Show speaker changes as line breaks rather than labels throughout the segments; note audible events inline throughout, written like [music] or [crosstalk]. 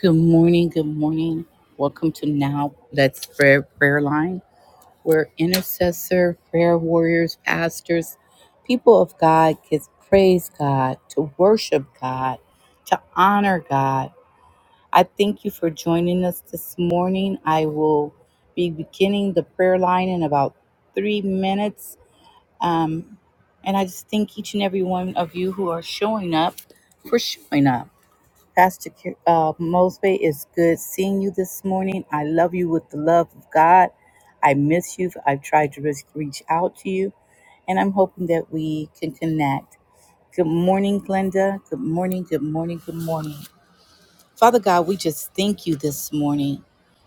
Good morning. Good morning. Welcome to Now Let's Prayer Prayer Line, where intercessor, prayer warriors, pastors, people of God gets praise God, to worship God, to honor God. I thank you for joining us this morning. I will be beginning the prayer line in about three minutes. Um, and I just thank each and every one of you who are showing up for showing up. Pastor Ki- uh, Mosby, it's good seeing you this morning. I love you with the love of God. I miss you. I've tried to re- reach out to you, and I'm hoping that we can connect. Good morning, Glenda. Good morning, good morning, good morning. Father God, we just thank you this morning.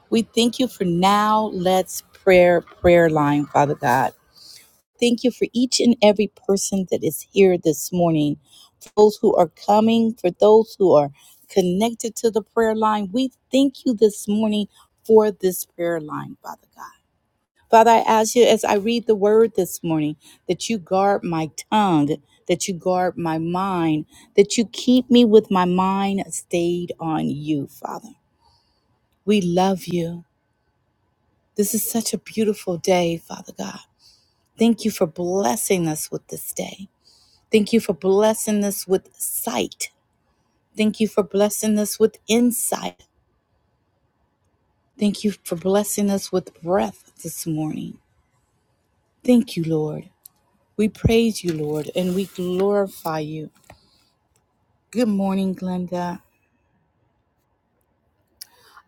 We thank you for now. Let's prayer, prayer line, Father God. Thank you for each and every person that is here this morning, for those who are coming, for those who are connected to the prayer line. We thank you this morning for this prayer line, Father God. Father, I ask you as I read the word this morning that you guard my tongue, that you guard my mind, that you keep me with my mind stayed on you, Father. We love you. This is such a beautiful day, Father God. Thank you for blessing us with this day. Thank you for blessing us with sight. Thank you for blessing us with insight. Thank you for blessing us with breath this morning. Thank you, Lord. We praise you, Lord, and we glorify you. Good morning, Glenda.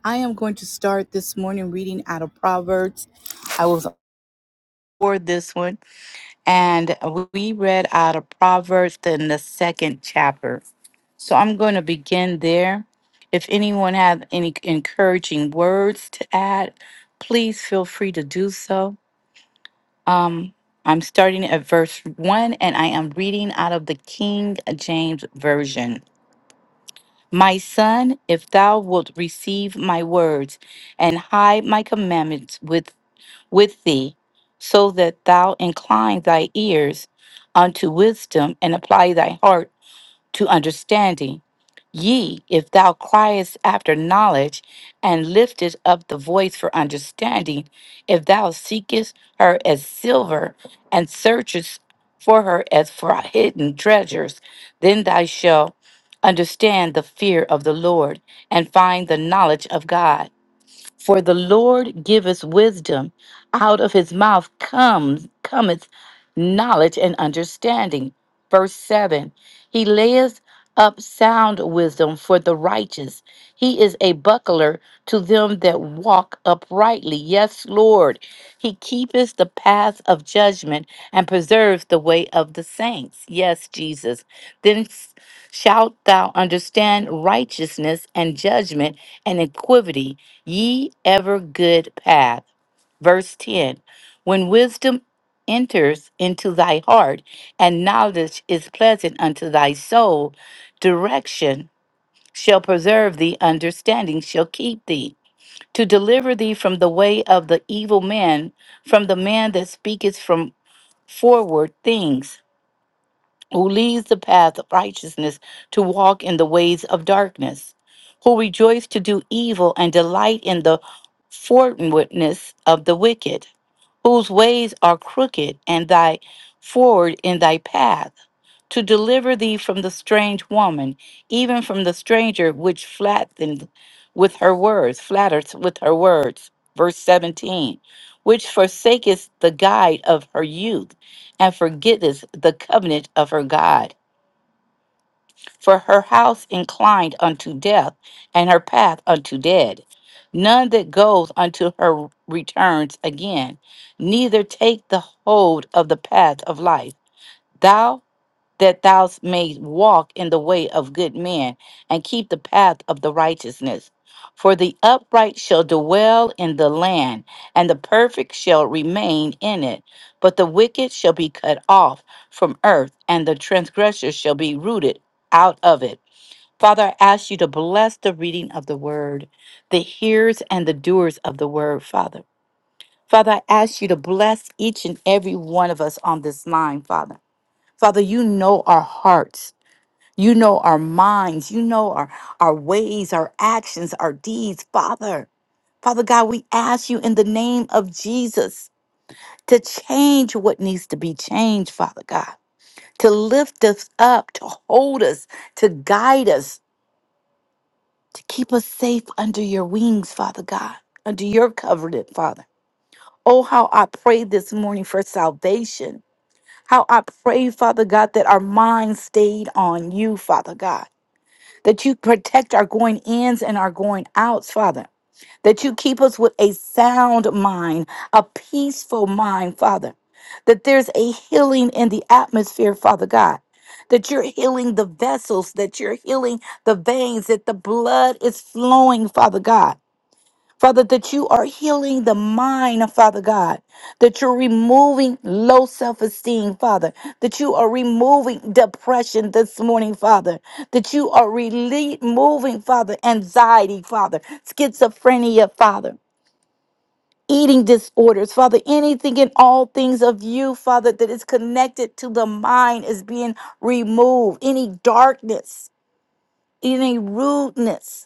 I am going to start this morning reading out of Proverbs. I was for this one, and we read out of Proverbs in the second chapter. So I'm going to begin there. If anyone have any encouraging words to add, please feel free to do so. Um, I'm starting at verse 1 and I am reading out of the King James Version. My son, if thou wilt receive my words and hide my commandments with, with thee, so that thou incline thy ears unto wisdom and apply thy heart to understanding. Ye, if thou criest after knowledge, and liftest up the voice for understanding, if thou seekest her as silver, and searchest for her as for hidden treasures, then thou shalt understand the fear of the Lord, and find the knowledge of God. For the Lord giveth wisdom; out of his mouth comes cometh knowledge and understanding. Verse 7 He layeth up sound wisdom for the righteous. He is a buckler to them that walk uprightly. Yes, Lord. He keepeth the path of judgment and preserves the way of the saints. Yes, Jesus. Then shalt thou understand righteousness and judgment and equity, ye ever good path. Verse 10 When wisdom enters into thy heart, and knowledge is pleasant unto thy soul, direction shall preserve thee, understanding shall keep thee, to deliver thee from the way of the evil man, from the man that speaketh from forward things who leads the path of righteousness to walk in the ways of darkness, who rejoice to do evil and delight in the forwardness of the wicked, whose ways are crooked and thy forward in thy path, to deliver thee from the strange woman, even from the stranger which flattened with her words, flatters with her words. Verse 17, which forsaketh the guide of her youth and forgetteth the covenant of her God. For her house inclined unto death, and her path unto dead. None that goes unto her returns again, neither take the hold of the path of life. Thou that thou mayest walk in the way of good men and keep the path of the righteousness. For the upright shall dwell in the land, and the perfect shall remain in it. But the wicked shall be cut off from earth, and the transgressor shall be rooted out of it. Father, I ask you to bless the reading of the word, the hearers and the doers of the word, Father. Father, I ask you to bless each and every one of us on this line, Father. Father, you know our hearts. You know our minds. You know our, our ways, our actions, our deeds. Father, Father God, we ask you in the name of Jesus to change what needs to be changed, Father God, to lift us up, to hold us, to guide us, to keep us safe under your wings, Father God, under your covenant, Father. Oh, how I pray this morning for salvation. How I pray, Father God, that our minds stayed on you, Father God that you protect our going ins and our going outs, Father, that you keep us with a sound mind, a peaceful mind, Father, that there's a healing in the atmosphere, Father God. That you're healing the vessels, that you're healing the veins, that the blood is flowing, Father God Father, that you are healing the mind, Father God, that you're removing low self esteem, Father, that you are removing depression this morning, Father, that you are rele- removing, Father, anxiety, Father, schizophrenia, Father. Eating disorders, Father, anything and all things of you, Father, that is connected to the mind is being removed. Any darkness, any rudeness,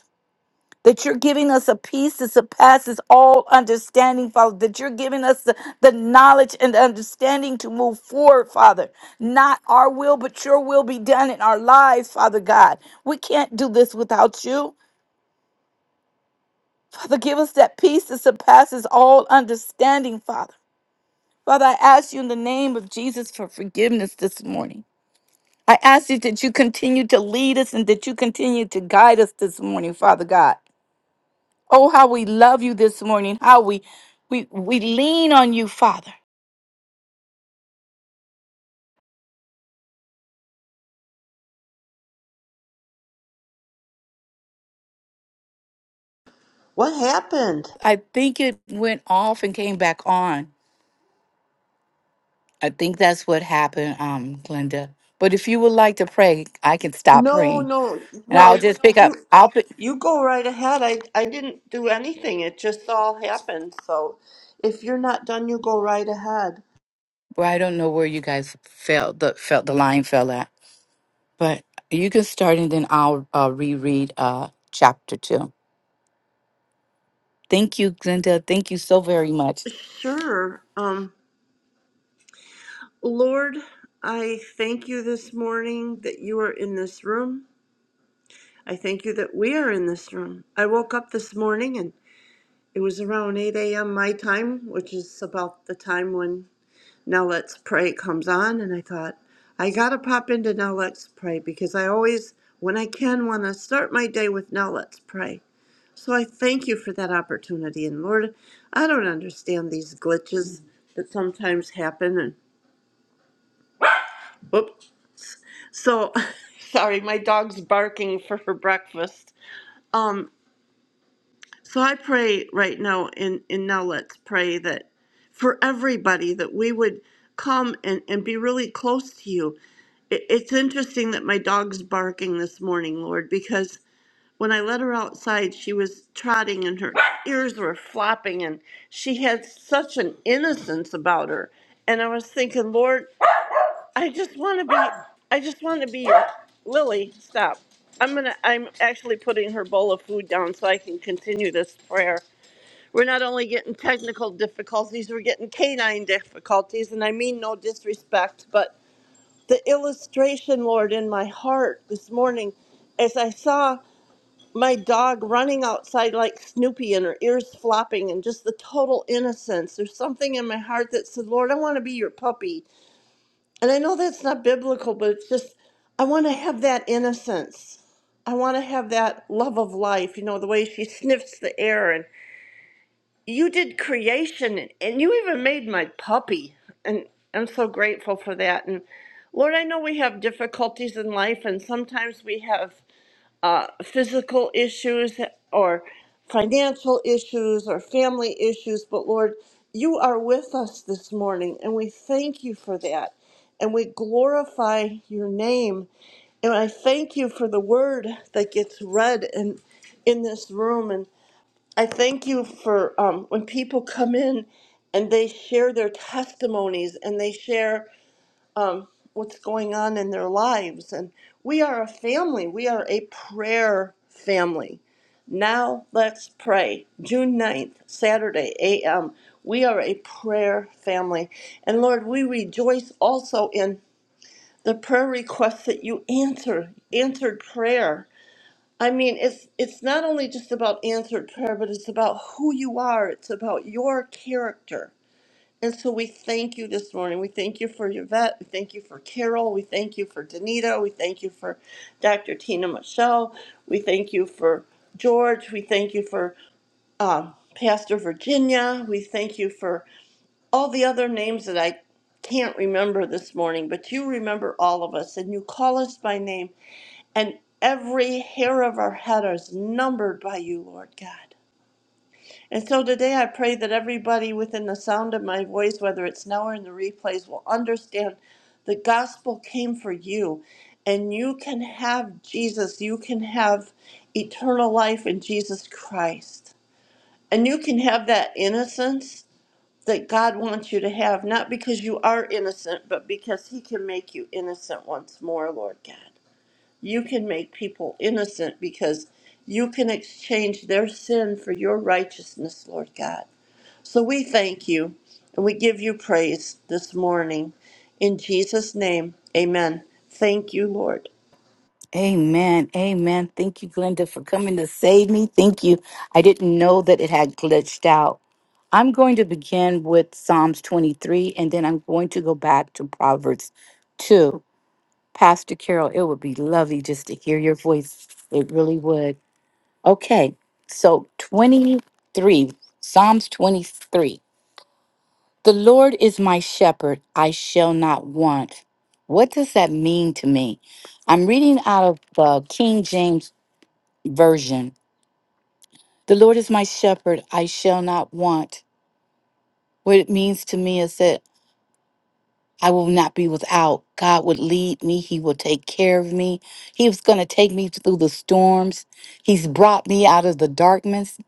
that you're giving us a peace that surpasses all understanding, Father, that you're giving us the, the knowledge and understanding to move forward, Father. Not our will, but your will be done in our lives, Father God. We can't do this without you. Father, give us that peace that surpasses all understanding, Father. Father, I ask you in the name of Jesus for forgiveness this morning. I ask you that you continue to lead us and that you continue to guide us this morning, Father God. Oh, how we love you this morning. How we we we lean on you, Father.
What happened?
I think it went off and came back on. I think that's what happened, um, Glenda. But if you would like to pray, I can stop
No,
praying.
no,
And
no.
I'll just pick
You
up. I'll pick
you go right ahead. I I didn't do anything. It just all happened. So if you're not done, you go right ahead.
well, I don't know where you guys felt the felt the line fell at. But you can start and then I'll uh, reread uh chapter two. Thank you, Glenda. Thank you so very much.
Sure. Um Lord, I thank you this morning that you are in this room. I thank you that we are in this room. I woke up this morning and it was around 8 a.m. my time, which is about the time when Now Let's Pray comes on, and I thought, I gotta pop into Now Let's Pray because I always, when I can, want to start my day with Now Let's Pray. So I thank you for that opportunity. And Lord, I don't understand these glitches that sometimes happen. And whoop. So [laughs] sorry, my dog's barking for her breakfast. Um. So I pray right now, and, and now let's pray that for everybody that we would come and, and be really close to you. It, it's interesting that my dog's barking this morning, Lord, because when I let her outside, she was trotting and her ears were flopping, and she had such an innocence about her. And I was thinking, Lord, I just want to be, I just want to be Lily. Stop. I'm gonna. I'm actually putting her bowl of food down so I can continue this prayer. We're not only getting technical difficulties, we're getting canine difficulties. And I mean no disrespect, but the illustration, Lord, in my heart this morning as I saw my dog running outside like Snoopy and her ears flopping and just the total innocence. There's something in my heart that said, Lord, I want to be your puppy. And I know that's not biblical, but it's just, I want to have that innocence. I want to have that love of life, you know, the way she [laughs] sniffs the air and you did creation and you even made my puppy and i'm so grateful for that and lord i know we have difficulties in life and sometimes we have uh, physical issues or financial issues or family issues but lord you are with us this morning and we thank you for that and we glorify your name and i thank you for the word that gets read in in this room and. I thank you for um, when people come in and they share their testimonies and they share um, what's going on in their lives. And we are a family, we are a prayer family. Now let's pray. June ninth, Saturday, a.m. We are a prayer family. And Lord, we rejoice also in the prayer requests that you answer, answered prayer. I mean, it's it's not only just about answered prayer, but it's about who you are. It's about your character. And so we thank you this morning. We thank you for Yvette. We thank you for Carol. We thank you for Danita. We thank you for Dr. Tina Michelle. We thank you for George. We thank you for um, Pastor Virginia. We thank you for all the other names that I can't remember this morning, but you remember all of us and you call us by name and every hair of our head is numbered by you, Lord God. And so today I pray that everybody within the sound of my voice, whether it's now or in the replays, will understand the gospel came for you. And you can have Jesus. You can have eternal life in Jesus Christ. And you can have that innocence that God wants you to have, not because you are innocent, but because He can make you innocent once more, Lord God. You can make people innocent because you can exchange their sin for your righteousness, Lord God. So we thank you and we give you praise this morning. In Jesus' name, amen. Thank you, Lord.
Amen. Amen. Thank you, Glenda, for coming to save me. Thank you. I didn't know that it had glitched out. I'm going to begin with Psalms 23, and then I'm going to go back to Proverbs 2. Pastor Carol, it would be lovely just to hear your voice. It really would. Okay. So 23, Psalms 23. The Lord is my shepherd. I shall not want. What does that mean to me? I'm reading out of the King James version. The Lord is my shepherd, I shall not want. What it means to me is that I will not be without. God would lead me, He will take care of me. He was going to take me through the storms. He's brought me out of the darkness.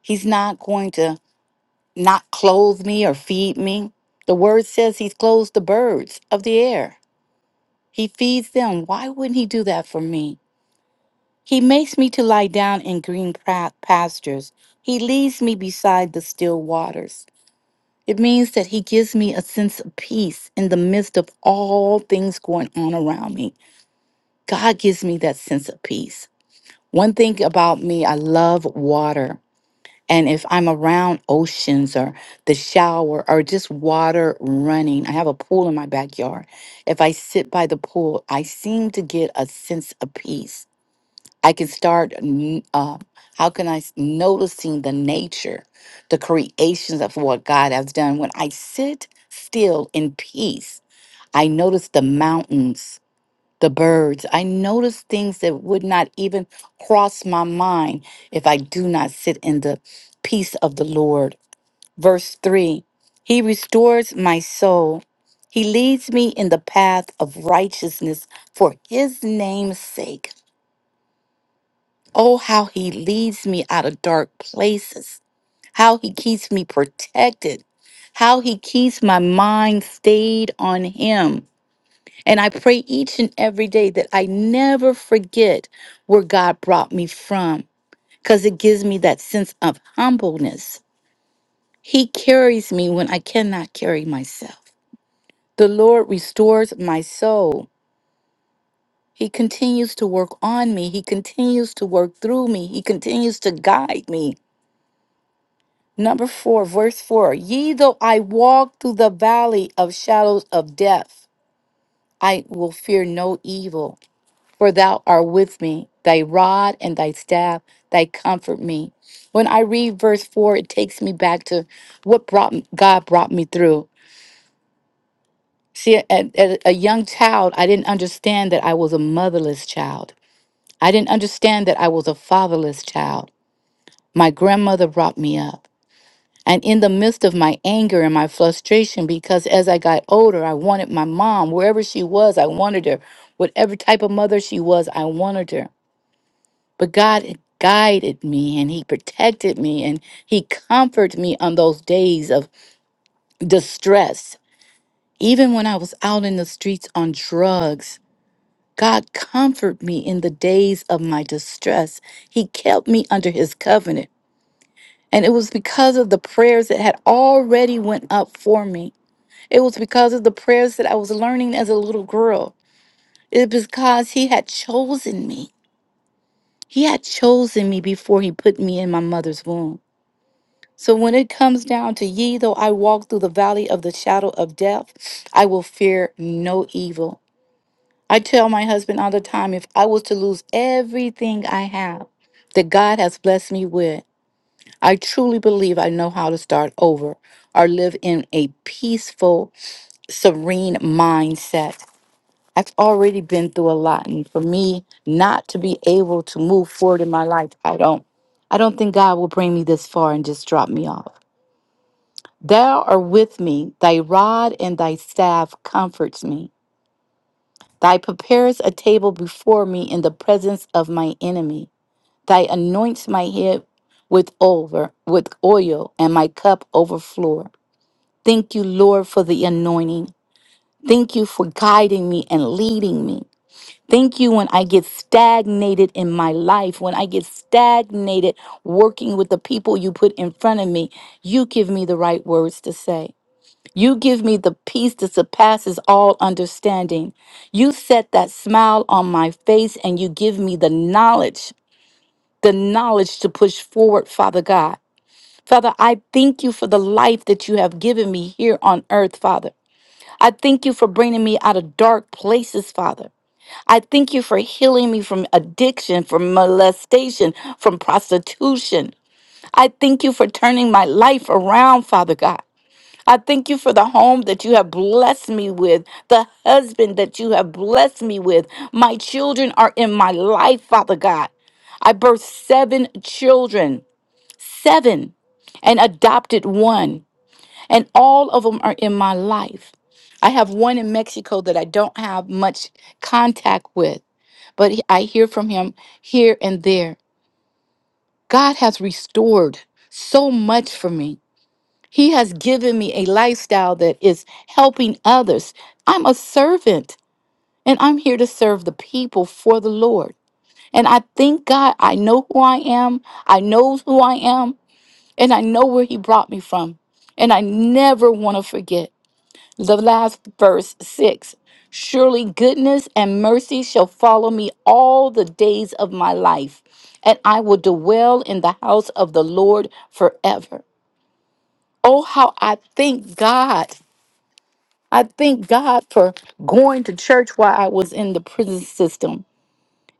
He's not going to not clothe me or feed me. The word says He's clothed the birds of the air, He feeds them. Why wouldn't He do that for me? He makes me to lie down in green pra- pastures. He leads me beside the still waters. It means that He gives me a sense of peace in the midst of all things going on around me. God gives me that sense of peace. One thing about me, I love water. And if I'm around oceans or the shower or just water running, I have a pool in my backyard. If I sit by the pool, I seem to get a sense of peace. I can start. n- Uh, how can I s- noticing the nature, the creations of what God has done? When I sit still in peace, I notice the mountains, the birds. I notice things that would not even cross my mind if I do not sit in the peace of the Lord. Verse three: He restores my soul. He leads me in the path of righteousness for His name's sake. Oh, how he leads me out of dark places, how he keeps me protected, how he keeps my mind stayed on him. And I pray each and every day that I never forget where God brought me from because it gives me that sense of humbleness. He carries me when I cannot carry myself. The Lord restores my soul. He continues to work on me. He continues to work through me. He continues to guide me. Number four, verse four. Ye though I walk through the valley of shadows of death, I will fear no evil, for thou art with me. Thy rod and thy staff, they comfort me. When I read verse four, it takes me back to what brought God brought me through. See, as at a young child, I didn't understand that I was a motherless child. I didn't understand that I was a fatherless child. My grandmother brought me up. And in the midst of my anger and my frustration, because as I got older, I wanted my mom, wherever she was, I wanted her. Whatever type of mother she was, I wanted her. But God had guided me and He protected me and He comforted me on those days of distress. Even when I was out in the streets on drugs, God comforted me in the days of my distress. He kept me under His covenant. And it was because of the prayers that had already went up for me It was because of the prayers that I was learning as a little girl. It was because He had chosen me. He had chosen me before He put me in my mother's womb. So when it comes down to ye, though I walk through the valley of the shadow of death, I will fear no evil. I tell my husband all the time if I was to lose everything I have that God has blessed me with, I truly believe I know how to start over or live in a peaceful, serene mindset. I've already been through a lot and for me not to be able to move forward in my life, I don't I don't think God will bring me this far and just drop me off. Thou art with me, thy rod and thy staff comforts me. Thy preparest a table before me in the presence of my enemy. Thy anoints my head with over with oil and my cup overflow. Thank you, Lord, for the anointing. Thank you for guiding me and leading me. Thank you when I get stagnated in my life, when I get stagnated working with the people you put in front of me. You give me the right words to say. You give me the peace that surpasses all understanding. You set that smile on my face and you give me the knowledge, the knowledge to push forward, Father God. Father, I thank you for the life that you have given me here on earth, Father. I thank you for bringing me out of dark places, Father. I thank you for healing me from addiction, from molestation, from prostitution. I thank you for turning my life around, Father God. I thank you for the home that you have blessed me with, the husband that you have blessed me with. My children are in my life, Father God. I birthed seven children, seven, and adopted one, and all of them are in my life. I have one in Mexico that I don't have much contact with but he- I hear from him here and there. God has restored so much for me. He has given me a lifestyle that is helping others. I'm a servant and I'm here to serve the people for the Lord. And I thank God I know who I am, I know who I am, and I know where He brought me from. And I never want to forget. the last verse 6 surely goodness and mercy shall follow me all the days of my life and i will dwell in the house of the lord forever oh how i thank god i thank god for going to church while i was in the prison system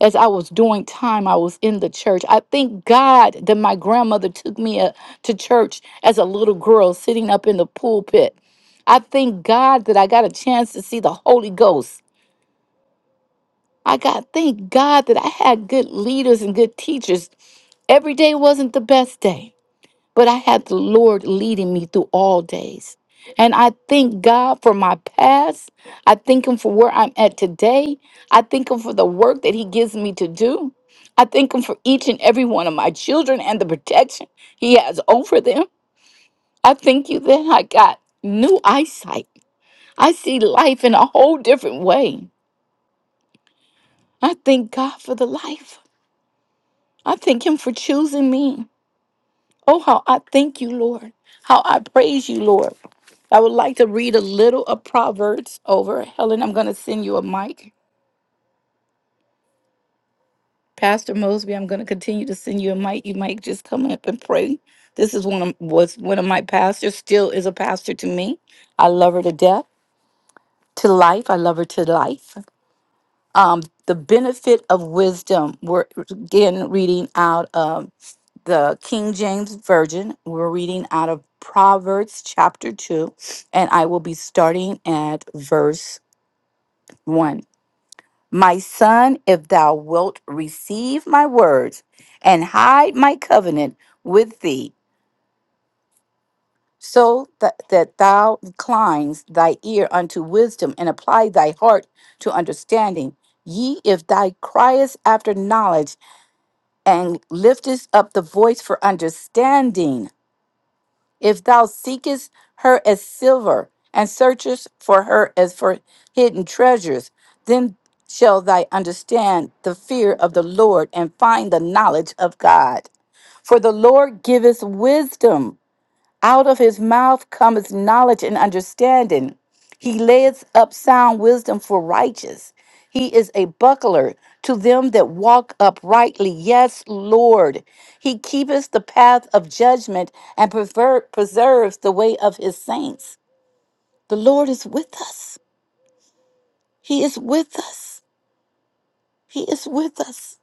as I was doing time, I was in the church. I thank God that my grandmother took me uh, to church as a little girl, sitting up in the pulpit. I thank God that I got a chance to see the Holy Ghost. I got thank God that I had good leaders and good teachers. Every day wasn't the best day but I had the Lord leading me through all days. And I thank God for my past. I thank Him for where I'm at today. I thank Him for the work that He gives me to do. I thank Him for each and every one of my children and the protection He has over them. I thank you that I got new eyesight. I see life in a whole different way. I thank God for the life. I thank Him for choosing me. Oh, how I thank you, Lord. How I praise you, Lord. I would like to read a little of Proverbs over. Helen, I'm going to send you a mic. Pastor Mosby, I'm going to continue to send you a mic. You might just come up and pray. This is one of was one of my pastors, still is a pastor to me. I love her to death, to life. I love her to life. Um, the benefit of wisdom. We're again reading out the King James Version. We're reading out of Proverbs chapter 2, and I will be starting at verse 1. My son, if thou wilt receive my words and hide my covenant with thee, so that, that thou inclines thy ear unto wisdom and apply thy heart to understanding. Ye, if thou criest after knowledge and liftest up the voice for understanding, If thou seekest her as silver, and searchest for her as for hidden treasures, then shall thy understand the fear of the Lord and find the knowledge of God. For the Lord giveth wisdom. Out of his mouth cometh knowledge and understanding. He layeth up sound wisdom for righteous. He is a buckler to them that walk uprightly. Yes, Lord. He keepeth the path of judgment and prever- preserves the way of his saints. The Lord is with us. He is with us. He is with us.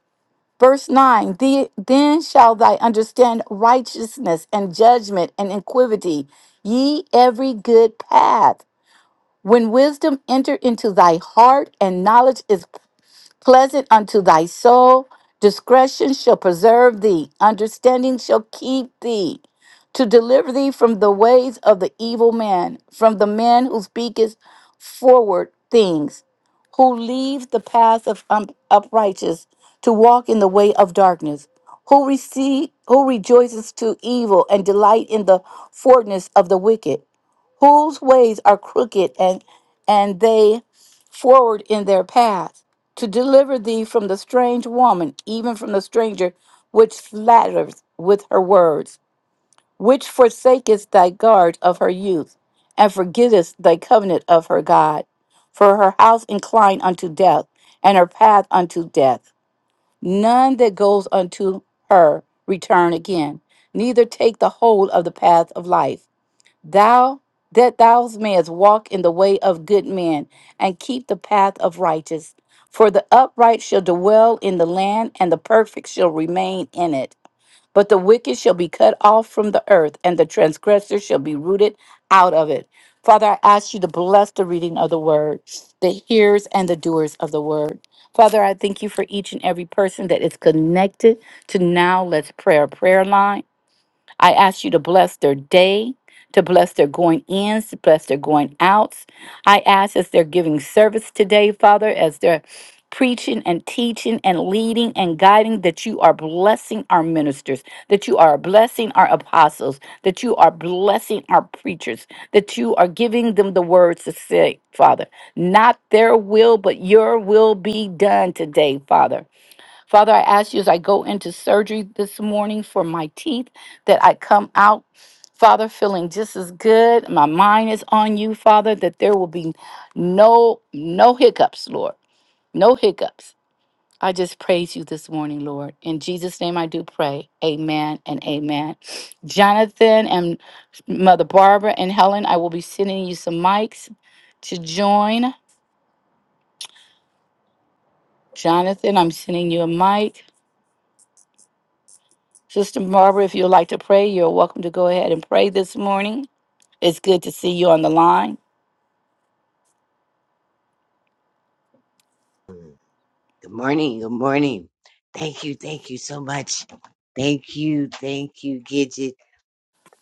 Verse 9 "The- Then shall thy understand righteousness and judgment and iniquity, ye every good path. When wisdom entered into thy heart and knowledge is pleasant unto thy soul. Discretion shall preserve thee, understanding shall keep thee, to deliver thee from the ways of the evil man, from the man who speaketh forward things, who leaves the path of um, uprighteous to walk in the way of darkness, who receive, who rejoices to evil and delight in the forwardness of the wicked, whose ways are crooked and and they forward in their path to deliver thee from the strange woman, even from the stranger which slatters with her words, which forsaketh thy guard of her youth, and forgettest thy covenant of her God. For her house inclined unto death, and her path unto death. None that goes unto her return again, neither take the whole of the path of life. Thou that thou mayest walk in the way of good men and keep the path of righteous. For the upright shall dwell in the land, and the perfect shall remain in it. But the wicked shall be cut off from the earth, and the transgressor shall be rooted out of it. Father, I ask you to bless the reading of the word, the hearers and the doers of the word. Father, I thank you for each and every person that is connected to Now Let's Prayer prayer line. I ask you to bless their day, to bless their going ins, to bless their going outs. I ask as they're giving service today, Father, as they're preaching and teaching and leading and guiding, that you are blessing our ministers, that you are blessing our apostles, that you are blessing our preachers, that you are giving them the words to say, Father. Not their will, but your will be done today, Father. Father, I ask you as I go into surgery this morning for my teeth that I come out, Father, feeling just as good. My mind is on you, Father, that there will be no no hiccups, Lord. No hiccups. I just praise you this morning, Lord. In Jesus' name I do pray. Amen and amen. Jonathan and Mother Barbara and Helen, I will be sending you some mics to join. Jonathan, I'm sending you a mic. Sister Barbara, if you'd like to pray, you're welcome to go ahead and pray this morning. It's good to see you on the line.
Good morning. Good morning. Thank you. Thank you so much. Thank you. Thank you, Gidget.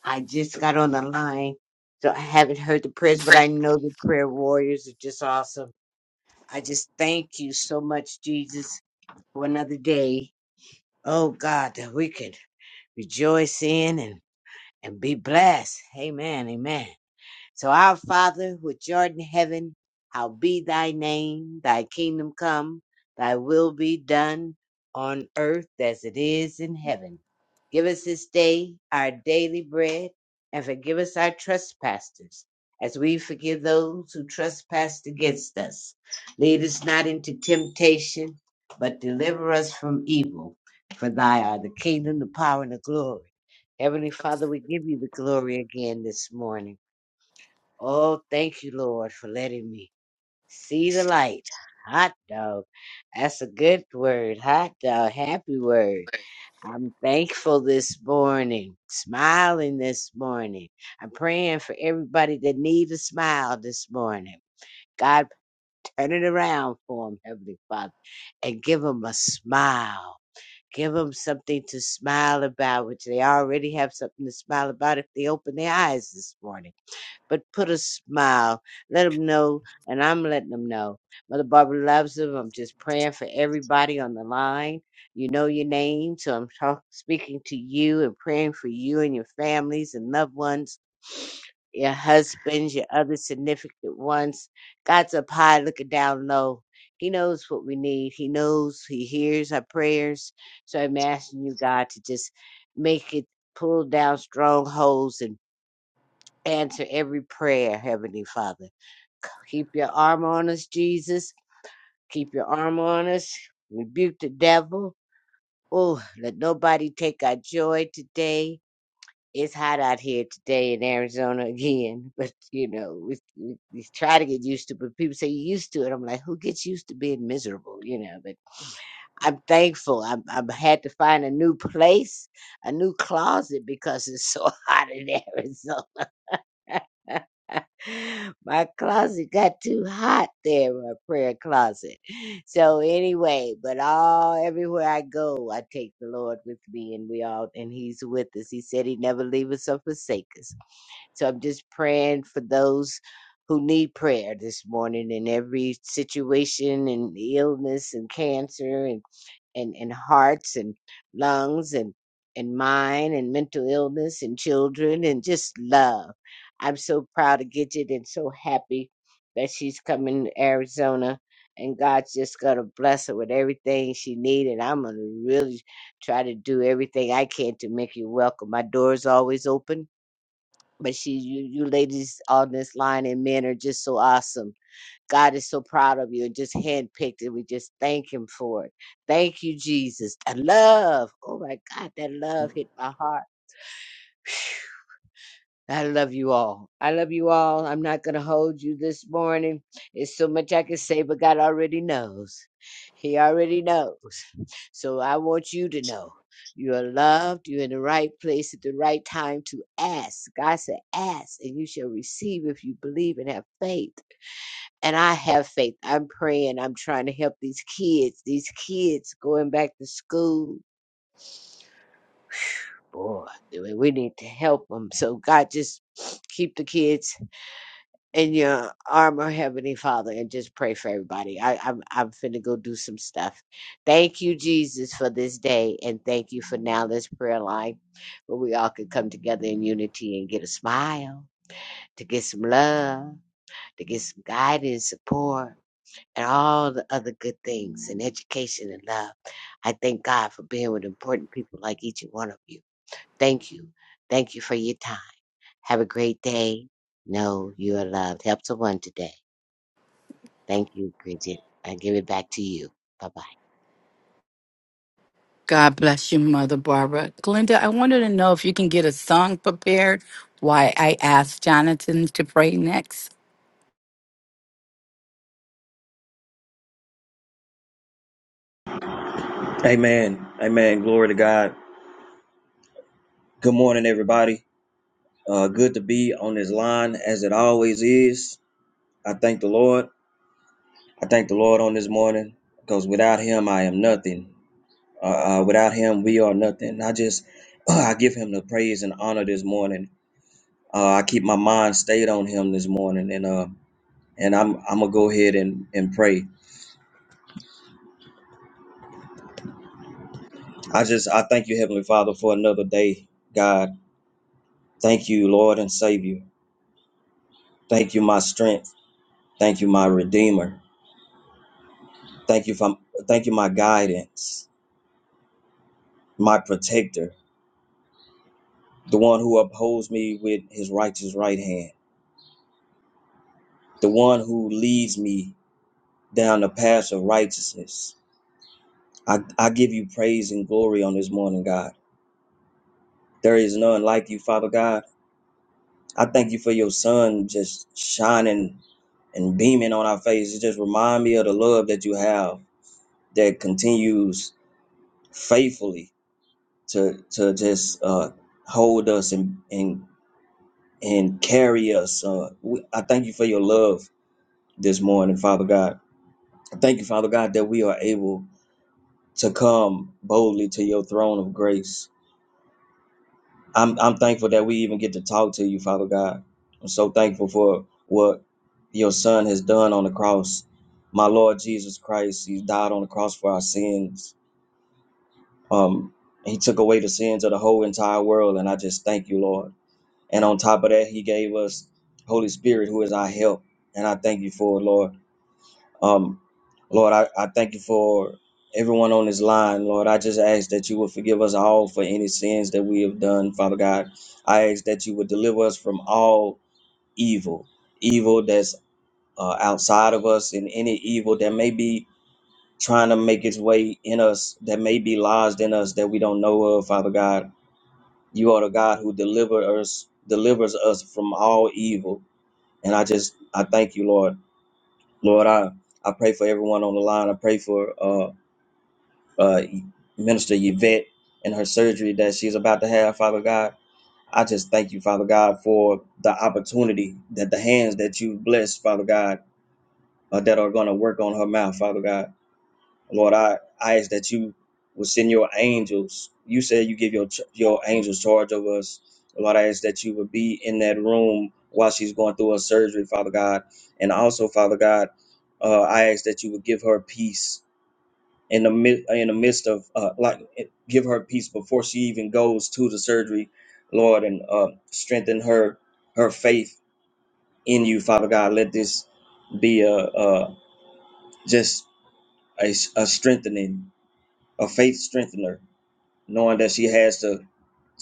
I just got on the line, so I haven't heard the prayers, but I know the prayer warriors are just awesome. I just thank you so much, Jesus, for another day. Oh, God, that we could rejoice in and, and be blessed. Amen. Amen. So our Father, which art in heaven, hallowed be thy name, thy kingdom come, thy will be done on earth as it is in heaven. Give us this day our daily bread, and forgive us our trespasses, as we forgive those who trespass against us. Lead us not into temptation, but deliver us from evil. For thy are the kingdom, the power, and the glory. Heavenly Father, we give you the glory again this morning. Oh, thank you, Lord, for letting me see the light. Hot dog. That's a good word. Hot dog. Happy word. I'm thankful this morning. Smiling this morning. I'm praying for everybody that needs a smile this morning. God, turn it around for them, Heavenly Father, and give them a smile. Give them something to smile about, which they already have something to smile about if they open their eyes this morning but put a smile. Let them know, and I'm letting them know. Mother Barbara loves them. I'm just praying for everybody on the line. You know your name, so I'm talk- speaking to you and praying for you and your families and loved ones, your husbands, your other significant ones. God's up high, looking down low. He knows what we need. He knows. He hears our prayers. So I'm asking you, God, to just make it pull down strongholds and answer every prayer, Heavenly Father. Keep your arm on us, Jesus. Keep your arm on us. Rebuke the devil. Oh, let nobody take our joy today. It's hot out here today in Arizona [laughs] again, but you know, we, we, we try to get used to it. But people say you used to it. I'm like, who gets used to being miserable? You know, but I'm thankful. I'm, i had to find a new place, a new closet because it's so [laughs] hot in Arizona. [laughs] my closet got too hot there, my prayer closet. So anyway, but all everywhere I go, I take the Lord with me, and we all and He's with us. He said He never leave us or forsake us. So I'm just praying for those who need prayer this morning in every situation and illness and cancer and, and hearts and lungs and and mind and mental illness and children and just love. I'm so proud of Gidget and so happy that she's coming to Arizona and God's just gonna bless her with everything she needs and I'm gonna really try to do everything I can to make you welcome. My door's always open. But she you, you ladies on this line and men are just so awesome God is so proud of you and just handpicked it. We just thank Him for it. Thank you, Jesus. I love. Oh my God, that love hit my heart. I love you all. I love you all. I'm not going to hold you this morning. It's so much I can say, but God already knows. He already knows. So I want you to know you are loved. You're in the right place at the right time to ask. God said, ask and you shall receive if you believe and have faith. and I have faith. I'm praying. I'm trying to help these kids. These kids going back to school. Boy, do we we need to help them. So God, just keep the kids in your armor, Heavenly Father, and just pray for everybody. I, I'm I'm finna go do some stuff. Thank you, Jesus, for this day, and thank you for now this prayer line, where we all could come together in unity and get a smile, to get some love, to get some guidance, support and all the other good things and education and love. I thank God for being with important people like each and one of you. Thank you. Thank you for your time. Have a great day. Know you are loved. Help someone today. Thank you, Bridget. I give it back to you. Bye bye.
God bless you, Mother Barbara. Glenda, I wanted to know if you can get a song prepared. Why I asked Jonathan to pray next.
Amen. Amen. Glory to God. Good morning, everybody. Uh, good to be on this line as it always is. I thank the Lord. I thank the Lord on this morning because without Him, I am nothing. Uh, uh, without Him, we are nothing. I just, [clears throat] I give Him the praise and honor this morning. Uh, I keep my mind stayed on Him this morning, and uh, and I'm I'm gonna go ahead and and pray. I just I thank you, Heavenly Father, for another day. God, thank you, Lord and Savior. Thank you, my strength. Thank you, my Redeemer. Thank you for thank you, my guidance, my protector, the one who upholds me with his righteous right hand, the one who leads me down the path of righteousness. I, I give you praise and glory on this morning, God. There is none like you, Father God. I thank you for your sun just shining and beaming on our faces. It Just remind me of the love that you have that continues faithfully to to just uh, hold us and and, and carry us. Uh, we, I thank you for your love this morning, Father God. I thank you, Father God, that we are able to come boldly to your throne of grace. I'm, I'm thankful that we even get to talk to you, Father God. I'm so thankful for what your son has done on the cross. My Lord Jesus Christ, he died on the cross for our sins. Um, he took away the sins of the whole entire world, and I just thank you, Lord. And on top of that, he gave us Holy Spirit, who is our help. And I thank you for it, Lord. Um, Lord, I, I thank you for everyone on this line. Lord, I just ask that you would forgive us all for any sins that we have done, Father God. I ask that you would deliver us from all evil, evil that's uh, outside of us, and any evil that may be trying to make its way in us, that may be lodged in us that we don't know of, Father God. You are the God who delivered us, delivers us from all evil. And I just, I thank you, Lord. Lord, I, I pray for everyone on the line. I pray for uh, uh, Minister Yvette and her surgery that she's about to have, Father God. I just thank you, Father God, for the opportunity that the hands that you bless, Father God, uh, that are going to work on her mouth, Father God. Lord, I, I ask that you will send your angels. You said you give your ch- your angels charge over us. Lord, I ask that you would be in that room while she's going through her surgery, Father God. And also, Father God, uh, I ask that you would give her peace in the mid, in the midst of uh, like give her peace before she even goes to the surgery, Lord, and uh, strengthen her her faith in you, Father God. Let this be a, a just a a strengthening, a faith strengthener, knowing that she has to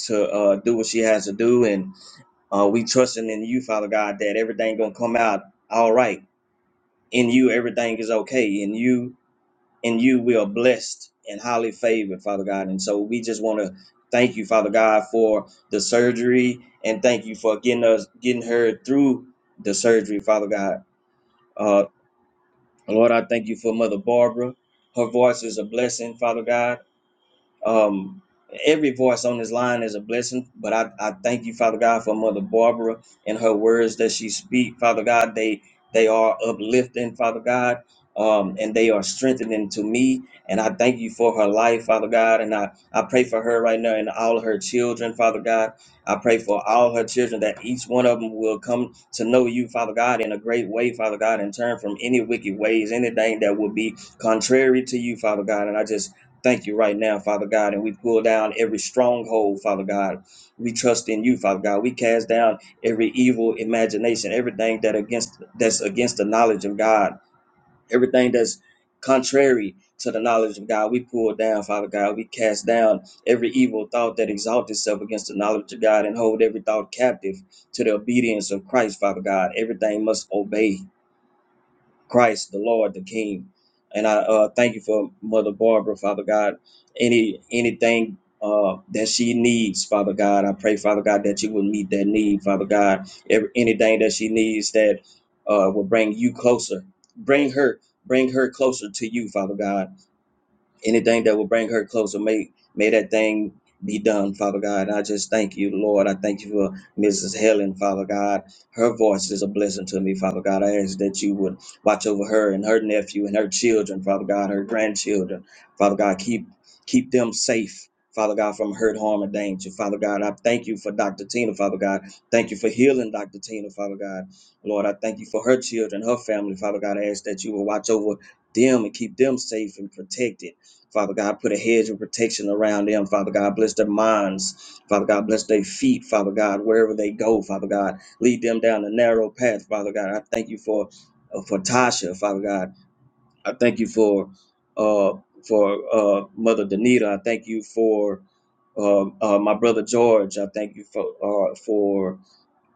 to uh, do what she has to do, and uh, we trusting in you, Father God, that everything gonna come out all right. In you, everything is okay. In you, and you we are blessed and highly favored, Father God. And so we just want to thank you, Father God, for the surgery and thank you for getting us getting her through the surgery, Father God. Uh Lord, I thank you for Mother Barbara. Her voice is a blessing, Father God. Um, every voice on this line is a blessing, but I, I thank you, Father God, for Mother Barbara and her words that she speak. Father God, they they are uplifting, Father God, um, and they are strengthening to me. And I thank you for her life, Father God. And I, I pray for her right now and all her children, Father God. I pray for all her children that each one of them will come to know you, Father God, in a great way, Father God, and turn from any wicked ways, anything that would be contrary to you, Father God. And I just Thank you right now, Father God, and we pull down every stronghold, Father God. We trust in you, Father God. We cast down every evil imagination, everything that against that's against the knowledge of God, everything that's contrary to the knowledge of God. We pull down, Father God. We cast down every evil thought that exalts itself against the knowledge of God and hold every thought captive to the obedience of Christ, Father God. Everything must obey Christ, the Lord, the King. And I uh, thank you for Mother Barbara, Father God. Any anything uh, that she needs, Father God, I pray, Father God, that you will meet that need, Father God. Every, anything that she needs that uh, will bring you closer, bring her, bring her closer to you, Father God anything that will bring her closer, may may that thing be done, Father God. I just thank you, Lord. I thank you for Mrs. Helen, Father God. Her voice is a blessing to me, Father God. I ask that you would watch over her and her nephew and her children, Father God, her grandchildren, Father God. Keep keep them safe. Father God, from hurt, harm, and danger. Father God, I thank you for Dr. Tina, Father God. Thank you for healing Dr. Tina, Father God. Lord, I thank you for her children, her family, Father God. I ask that you will watch over them and keep them safe and protected. Father God, put a hedge of protection around them. Father God, bless their minds. Father God, bless their feet. Father God, wherever they go, Father God, lead them down the narrow path. Father God, I thank you for uh, for Tasha. Father God, I thank you for uh for uh Mother Danita. I thank you for uh, uh my brother George. I thank you for uh for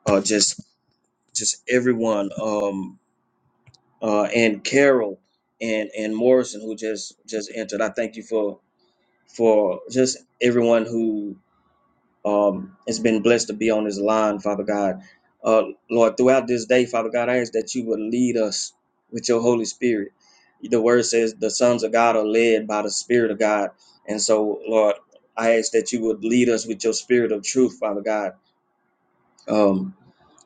uh just just everyone um uh and Carol and and Morrison who just just entered. I thank you for for just everyone who um, has been blessed to be on this line, Father God. Uh, Lord, throughout this day, Father God, I ask that you would lead us with your Holy Spirit. The word says the sons of God are led by the Spirit of God. And so, Lord, I ask that you would lead us with your spirit of truth, Father God. Um,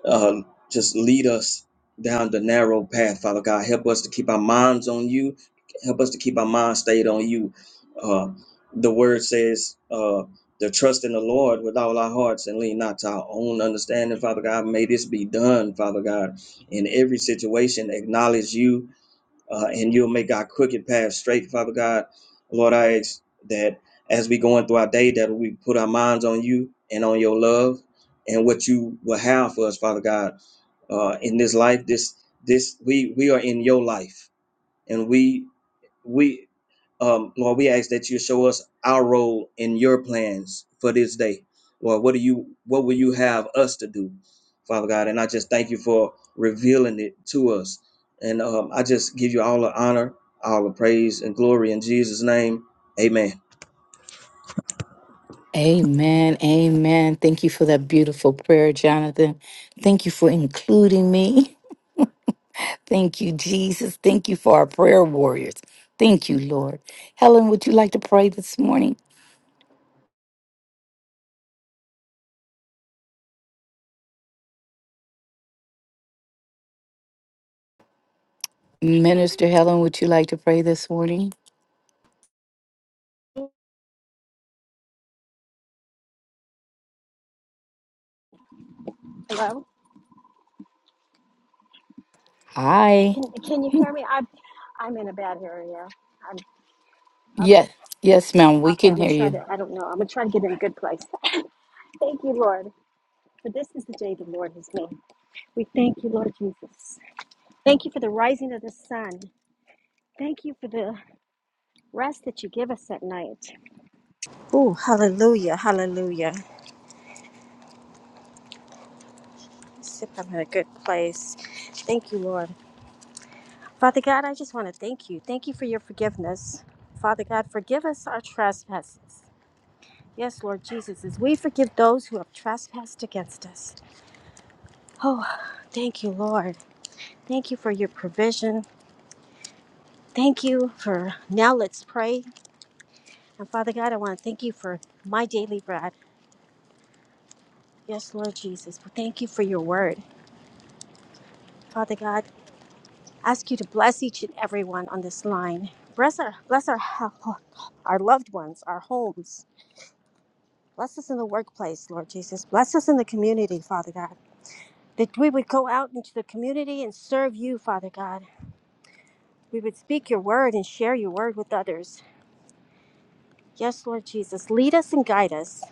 uh, just lead us down the narrow path, Father God. Help us to keep our minds on you. Help us to keep our mind stayed on you. Uh, the word says uh, to trust in the Lord with all our hearts and lean not to our own understanding, Father God. May this be done, Father God. In every situation, acknowledge you uh, and you'll make our crooked path straight, Father God. Lord, I ask that as we go on through our day, that we put our minds on you and on your love and what you will have for us, Father God. Uh, in this life, this this we we are in your life, and we we um lord we ask that you show us our role in your plans for this day lord what do you what will you have us to do father god and i just thank you for revealing it to us and um, i just give you all the honor all the praise and glory in jesus name amen
Amen. Amen. Thank you for that beautiful prayer, Jonathan. Thank you for including me. [laughs] Thank you, Jesus. Thank you for our prayer warriors. Thank you, Lord. Helen, would you like to pray this morning? Minister Helen, would you like to pray this morning?
Hello?
Hi.
Can can you hear me? I'm I'm in a bad area. I'm okay.
Yes, yes, ma'am. We
Okay,
can
I'm gonna
hear
try
you.
to I don't know. I'm gonna try to get in a good place. [laughs] thank you, Lord. For this is the day the Lord has made. We thank you, Lord Jesus. Thank you for the rising of the sun. Thank you for the rest that you give us at night. Oh, hallelujah, hallelujah. Let's if I'm in a good place. Thank you, Lord. Father God, I just want to thank you. Thank you for your forgiveness. Father God, forgive us our trespasses Yes, Lord Jesus, as we forgive those who have trespassed against us. Oh, thank you, Lord. Thank you for your provision. Thank you for now. Let's pray. And Father God, I want to thank you for my daily bread. Yes, Lord Jesus. Thank you for your word. Father God, ask you to bless each and everyone on this line. Bless our bless our our loved ones, our homes. Bless us in the workplace, Lord Jesus. Bless us in the community, Father God. That we would go out into the community and serve you, Father God We would speak your word and share your word with others. Yes, Lord Jesus, lead us and guide us.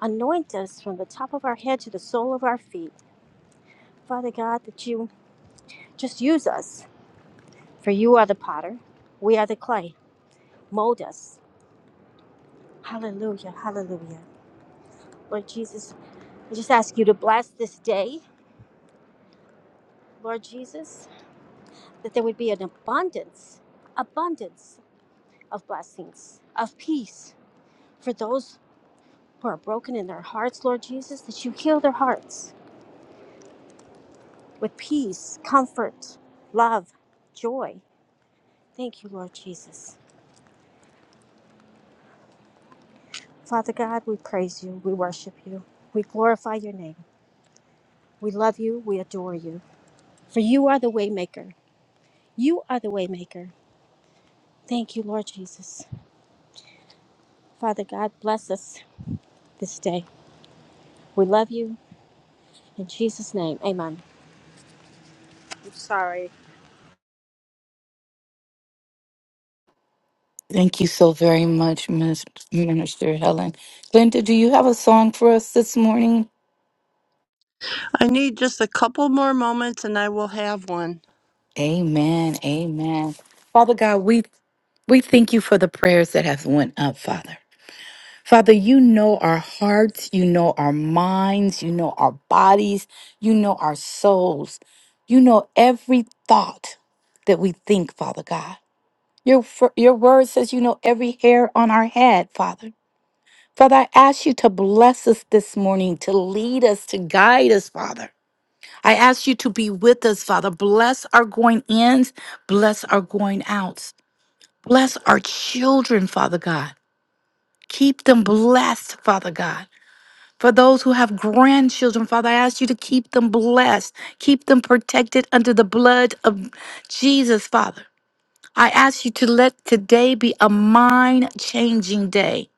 Anoint us from the top of our head to the sole of our feet. Father God, that you just use us, for you are the potter, we are the clay. Mold us. Hallelujah, hallelujah. Lord Jesus, I just ask you to bless this day, Lord Jesus, that there would be an abundance, abundance of blessings, of peace for those who are broken in their hearts, Lord Jesus, that you heal their hearts with peace, comfort, love, joy. Thank you, Lord Jesus. Father God, we praise you. We worship you. We glorify your name. We love you. We adore you. For you are the waymaker. You are the waymaker. Thank you, Lord Jesus. Father God, bless us this day. We love you. In Jesus' name, amen. I'm sorry.
Thank you so very much, Miss Minister Helen. Glenda, do you have a song for us this morning?
I need just a couple more moments and I will have one.
Amen. Amen. Father God, we we thank you for the prayers that have went up, Father. Father, you know our hearts, you know our minds, you know our bodies, you know our souls. You know every thought that we think, Father God. Your, fir- your word says you know every hair on our head, Father. Father, I ask you to bless us this morning, to lead us, to guide us, Father. I ask you to be with us, Father. Bless our going ins, bless our going outs. Bless our children, Father God. Keep them blessed, Father God. For those who have grandchildren, Father, I ask you to keep them blessed, keep them protected under the blood of Jesus, Father. I ask you to let today be a mind changing day.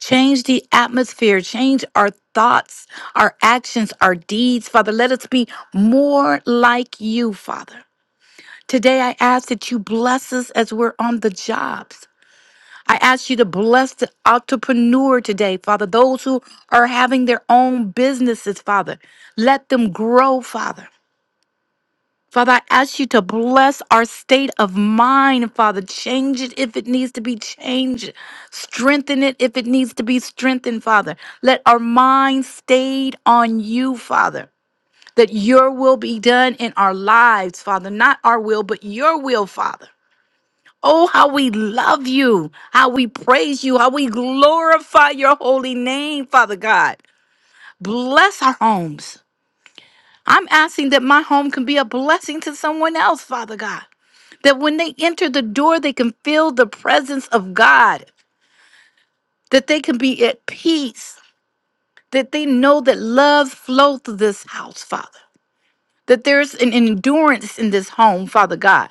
Change the atmosphere, change our thoughts, our actions, our deeds. Father, let us be more like you, Father. Today, I ask that you bless us as we're on the jobs. I ask you to bless the entrepreneur today, Father, those who are having their own businesses, Father. Let them grow, Father. Father, I ask you to bless our state of mind, Father. Change it if it needs to be changed. Strengthen it if it needs to be strengthened, Father. Let our mind stayed on you, Father. That your will be done in our lives, Father. Not our will, but your will, Father. Oh, how we love you, how we praise you, how we glorify your holy name, Father God. Bless our homes. I'm asking that my home can be a blessing to someone else, Father God that when they enter the door, they can feel the presence of God, that they can be at peace, that they know that love flows through this house, Father, that there's an endurance in this home, Father God.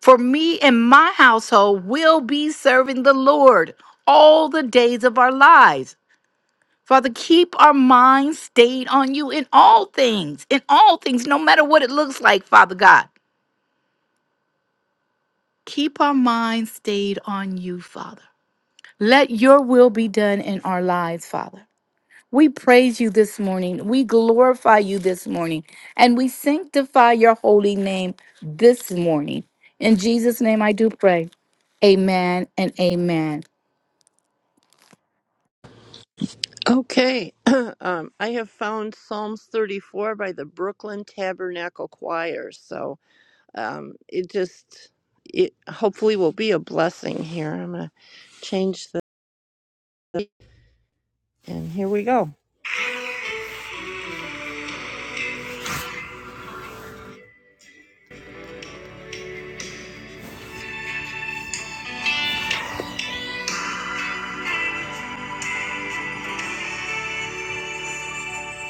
For me and my household will be serving the Lord all the days of our lives. Father, keep our minds stayed on you in all things, in all things, no matter what it looks like, Father God. Keep our minds stayed on you, Father. Let your will be done in our lives, Father. We praise you this morning. We glorify you this morning. And we sanctify your holy name this morning. In Jesus' name, I do pray. Amen and amen.
Okay, [clears throat] um, I have found Psalms 34 by the Brooklyn Tabernacle Choir. So um, it just, it hopefully will be a blessing here. I'm going to change. And here we go.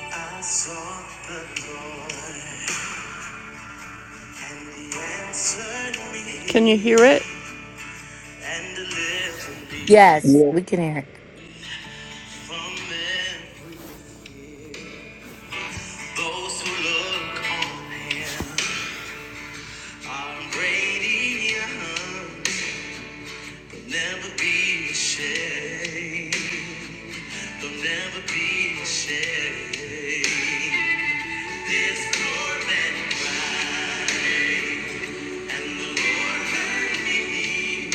I sought the Lord, and He answered me. Can you hear it? And delivered me
Yes,
Yeah.
we can hear it.
from men. Those who look on him are radiant. They'll never be ashamed. They'll never be ashamed. This poor man cried, and the Lord heard me.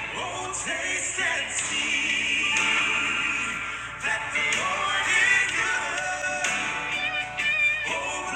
Oh, Oh,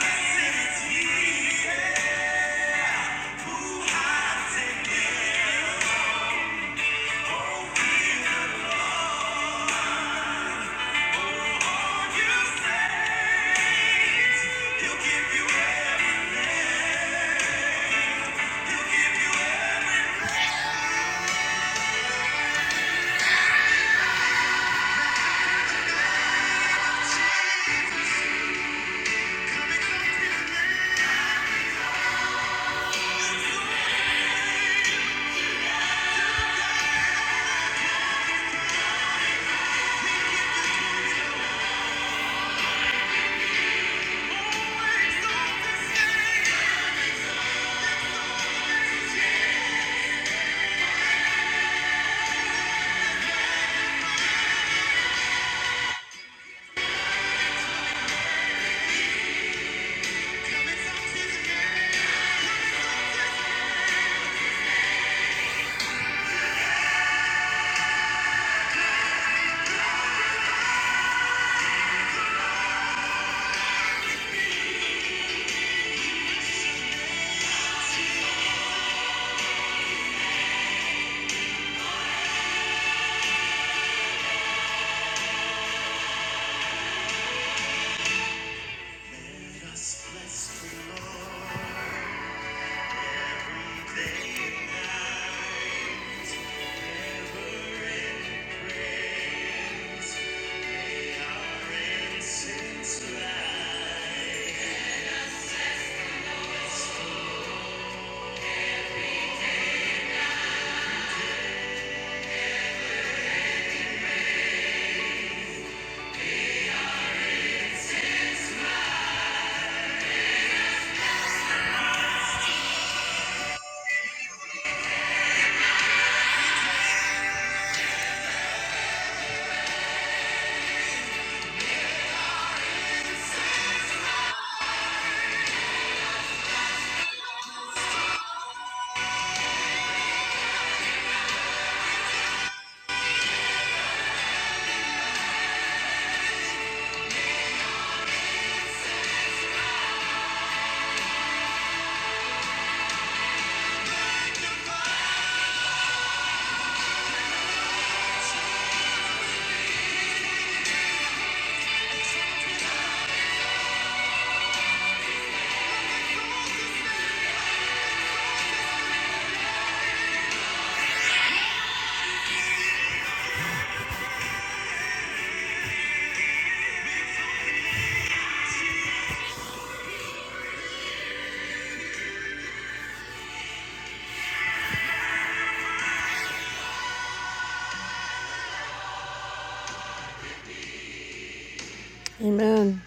Amen.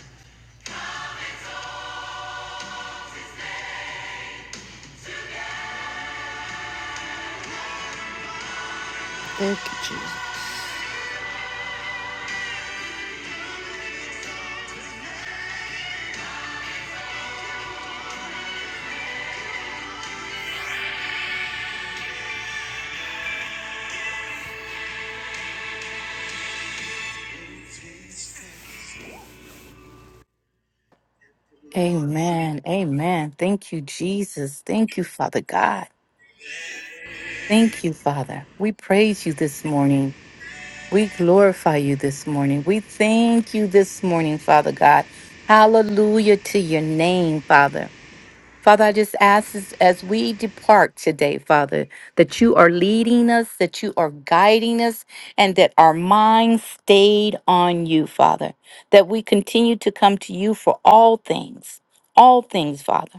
Thank you, Jesus.
Amen. Amen. Thank you, Jesus. Thank you, Father God. Thank you, Father. We praise you this morning. We glorify you this morning. We thank you this morning, Father God. Hallelujah to your name, Father. Father, I just ask as, as we depart today, Father, that you are leading us, that you are guiding us, and that our mind stayed on you, Father, that we continue to come to you for all things, all things, Father.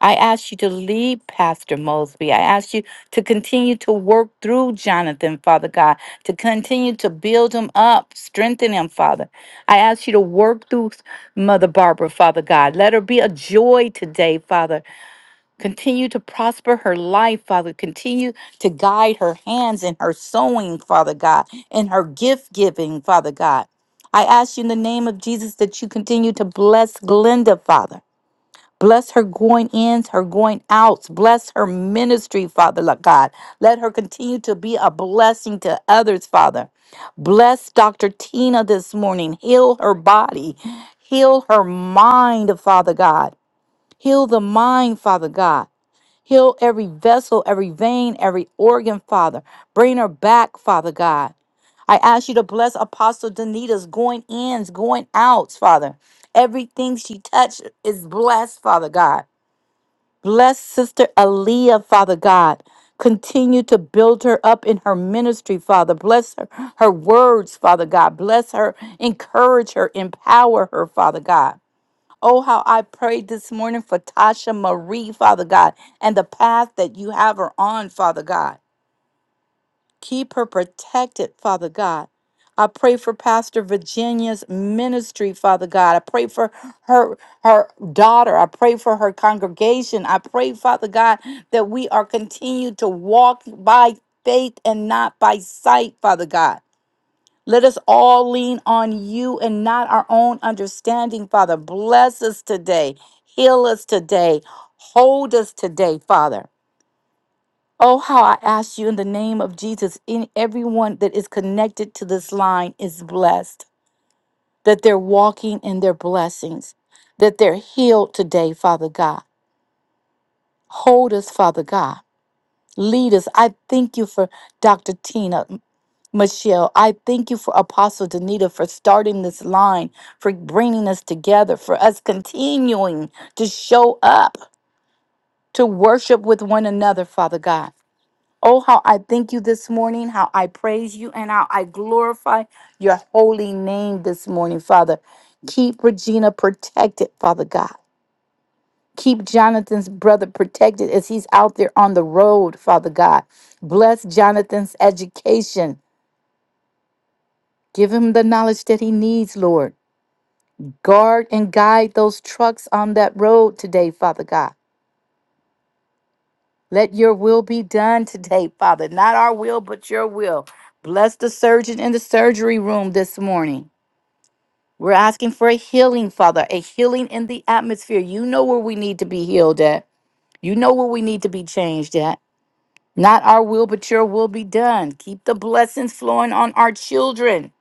I ask you to lead Pastor Mosby. I ask you to continue to work through Jonathan, Father God, to continue to build him up, strengthen him, Father. I ask you to work through Mother Barbara, Father God. Let her be a joy today, Father. Continue to prosper her life, Father. Continue to guide her hands in her sewing, Father God, in her gift giving, Father God. I ask you in the name of Jesus that you continue to bless Glenda, Father. Bless her going ins, her going outs. Bless her ministry, Father Lord God. Let her continue to be a blessing to others, Father. Bless Dr. Tina this morning. Heal her body. Heal her mind, Father God. Heal the mind, Father God. Heal every vessel, every vein, every organ, Father. Bring her back, Father God. I ask you to bless Apostle Danita's going ins, going outs, Father. Everything she touched is blessed, Father God. Bless Sister Aaliyah, Father God. Continue to build her up in her ministry, Father. Bless her, her words, Father God. Bless her, encourage her, empower her, Father God. Oh, how I prayed this morning for Tasha Marie, Father God, and the path that you have her on, Father God. Keep her protected, Father God. I pray for Pastor Virginia's ministry, Father God. I pray for her her daughter. I pray for her congregation. I pray, Father God, that we are continued to walk by faith and not by sight, Father God. Let us all lean on you and not our own understanding, Father. Bless us today. Heal us today. Hold us today, Father. Oh, how I ask you in the name of Jesus, in everyone that is connected to this line is blessed, that they're walking in their blessings, that they're healed today, Father God. Hold us, Father God. Lead us. I thank you for Dr. Tina. Michelle, I thank you for Apostle Danita for starting this line, for bringing us together, for us continuing to show up, to worship with one another, Father God. Oh, how I thank you this morning, how I praise you, and how I glorify your holy name this morning, Father. Keep Regina protected, Father God. Keep Jonathan's brother protected as he's out there on the road, Father God. Bless Jonathan's education. Give him the knowledge that he needs, Lord. Guard and guide those trucks on that road today, Father God. Let your will be done today, Father. Not our will, but your will. Bless the surgeon in the surgery room this morning. We're asking for a healing, Father, a healing in the atmosphere. You know where we need to be healed at. You know where we need to be changed at. Not our will, but your will be done. Keep the blessings flowing on our children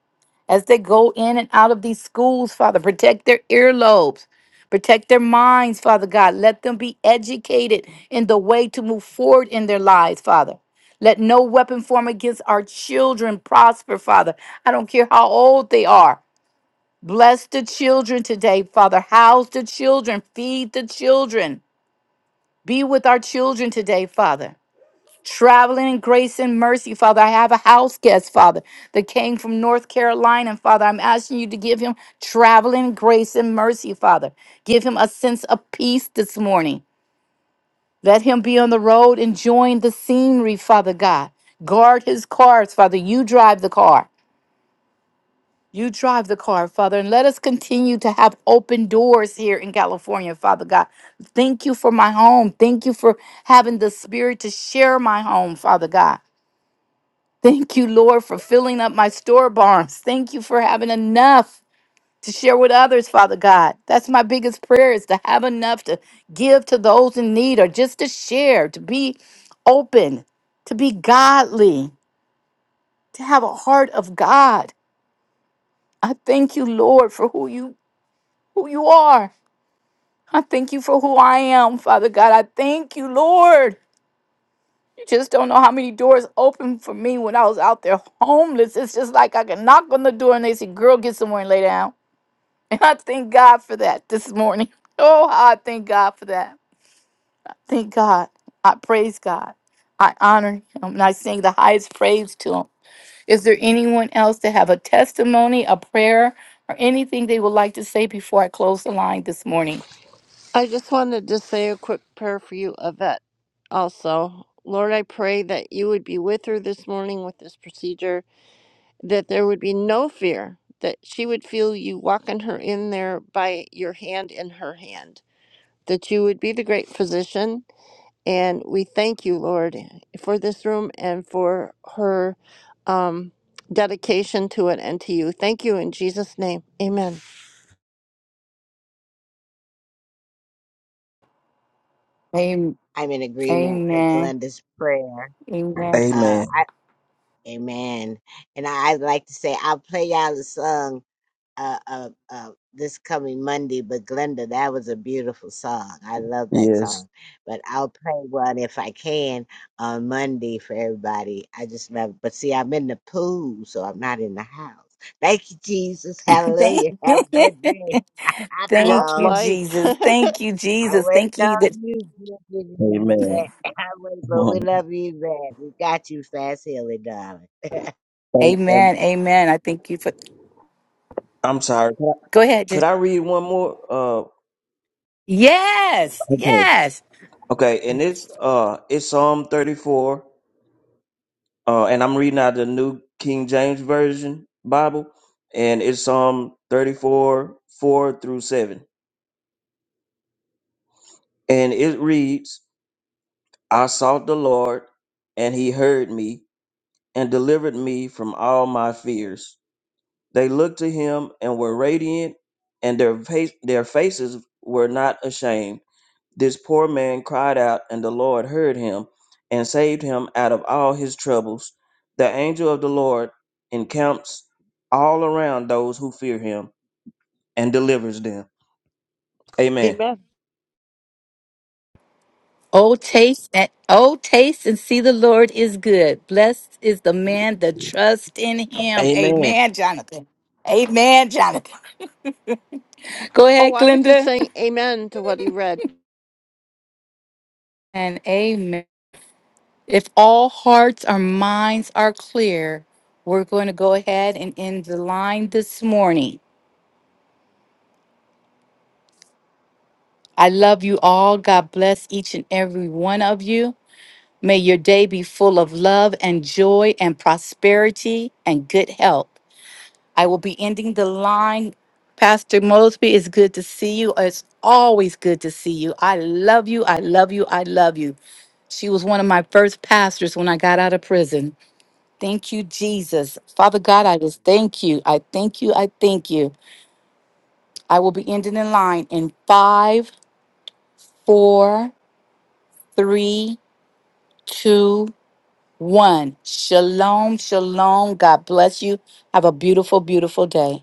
as they go in and out of these schools, Father. Protect their earlobes. Protect their minds, Father God. Let them be educated in the way to move forward in their lives, Father. Let no weapon form against our children prosper, Father. I don't care how old they are. Bless the children today, Father. House the children. Feed the children. Be with our children today, Father traveling in grace and mercy, Father. I have a house guest, Father, that came from North Carolina, Father. I'm asking you to give him traveling grace and mercy, Father. Give him a sense of peace this morning. Let him be on the road enjoying the scenery, Father God. Guard his cars, Father. You drive the car. You drive the car, Father, and let us continue to have open doors here in California, Father God. Thank you for my home. Thank you for having the spirit to share my home, Father God. Thank you, Lord, for filling up my store barns. Thank you for having enough to share with others, Father God. That's my biggest prayer is to have enough to give to those in need or just to share, to be open, to be godly, to have a heart of God. I thank you, Lord, for who you who you are. I thank you for who I am, Father God. I thank you, Lord. You just don't know how many doors opened for me when I was out there homeless. It's just like I can knock on the door and they say, Girl, get somewhere and lay down. [laughs] And I thank God for that this morning. [laughs] Oh, how I thank God for that. Thank God. I praise God. I honor him and I sing the highest praise to him. Is there anyone else that have a testimony, a prayer, or anything they would like to say before I close the line this morning?
I just wanted to say a quick prayer for you, Yvette, also. Lord, I pray that you would be with her this morning with this procedure, that there would be no fear, that she would feel you walking her in there by your hand in her hand, that you would be the great physician. And we thank you, Lord, for this room and for her um, dedication to it and to you. Thank you in Jesus' name. Amen.
Amen.
I'm in agreement with
Amen.
Glenda's prayer.
Amen.
Uh,
amen
I, amen. And I, I'd like to say, I'll play y'all the song uh, uh, uh, this coming Monday. But Glenda, that was a beautiful song. I love that
yes
song. But I'll play one if I can on Monday for everybody. I just love it. But see, I'm in the pool, so I'm not in the house. Thank you, Jesus.
[laughs]
Hallelujah. Have a
Thank
good
[laughs]
day. [laughs] Hot
Thank
Rough
you,
dog.
life.
Jesus.
[laughs]
Thank you,
I
Jesus.
wait
Thank you that
on you, Jesus, you
amen [laughs]
bet. [laughs] I wait, but we
Mhm.
love you, man. We got you fast, healing, darling.
and, and
Amen. Amen. I thank you for
i'm sorry could I,
go ahead, Jen.
could I read one more uh
Yes.
okay okay and it's uh it's psalm 34 uh, and I'm reading out the New King James Version Bible, and it's Psalm 34, 4 through 7. And it reads, I sought the Lord, and he heard me, and delivered me from all my fears. They looked to him and were radiant, and their, face, their faces were not ashamed. This poor man cried out, and the Lord heard him and saved him out of all his troubles. The angel of the Lord encamps all around those who fear him and delivers them. Amen.
Amen.
Oh taste and oh taste and see the Lord is good. Blessed is the man that trusts in him.
Amen.
Amen, Jonathan. Amen, Jonathan. Go
Oh,
ahead,
I was just
Glenda.
saying amen to what he read.
And amen. If all hearts or minds are clear, we're going to go ahead and end the line this morning. I love you all. God bless each and every one of you. May your day be full of love and joy and prosperity and good health. I will be ending the line. Pastor Mosby, it's good to see you. It's always good to see you. I love you. I love you. I love you. She was one of my first pastors when I got out of prison. Thank you, Jesus. Father God, I just thank you. I thank you. I thank you. I will be ending the line in five, four, three, two, one. Shalom, shalom. God bless you. Have a beautiful, beautiful day.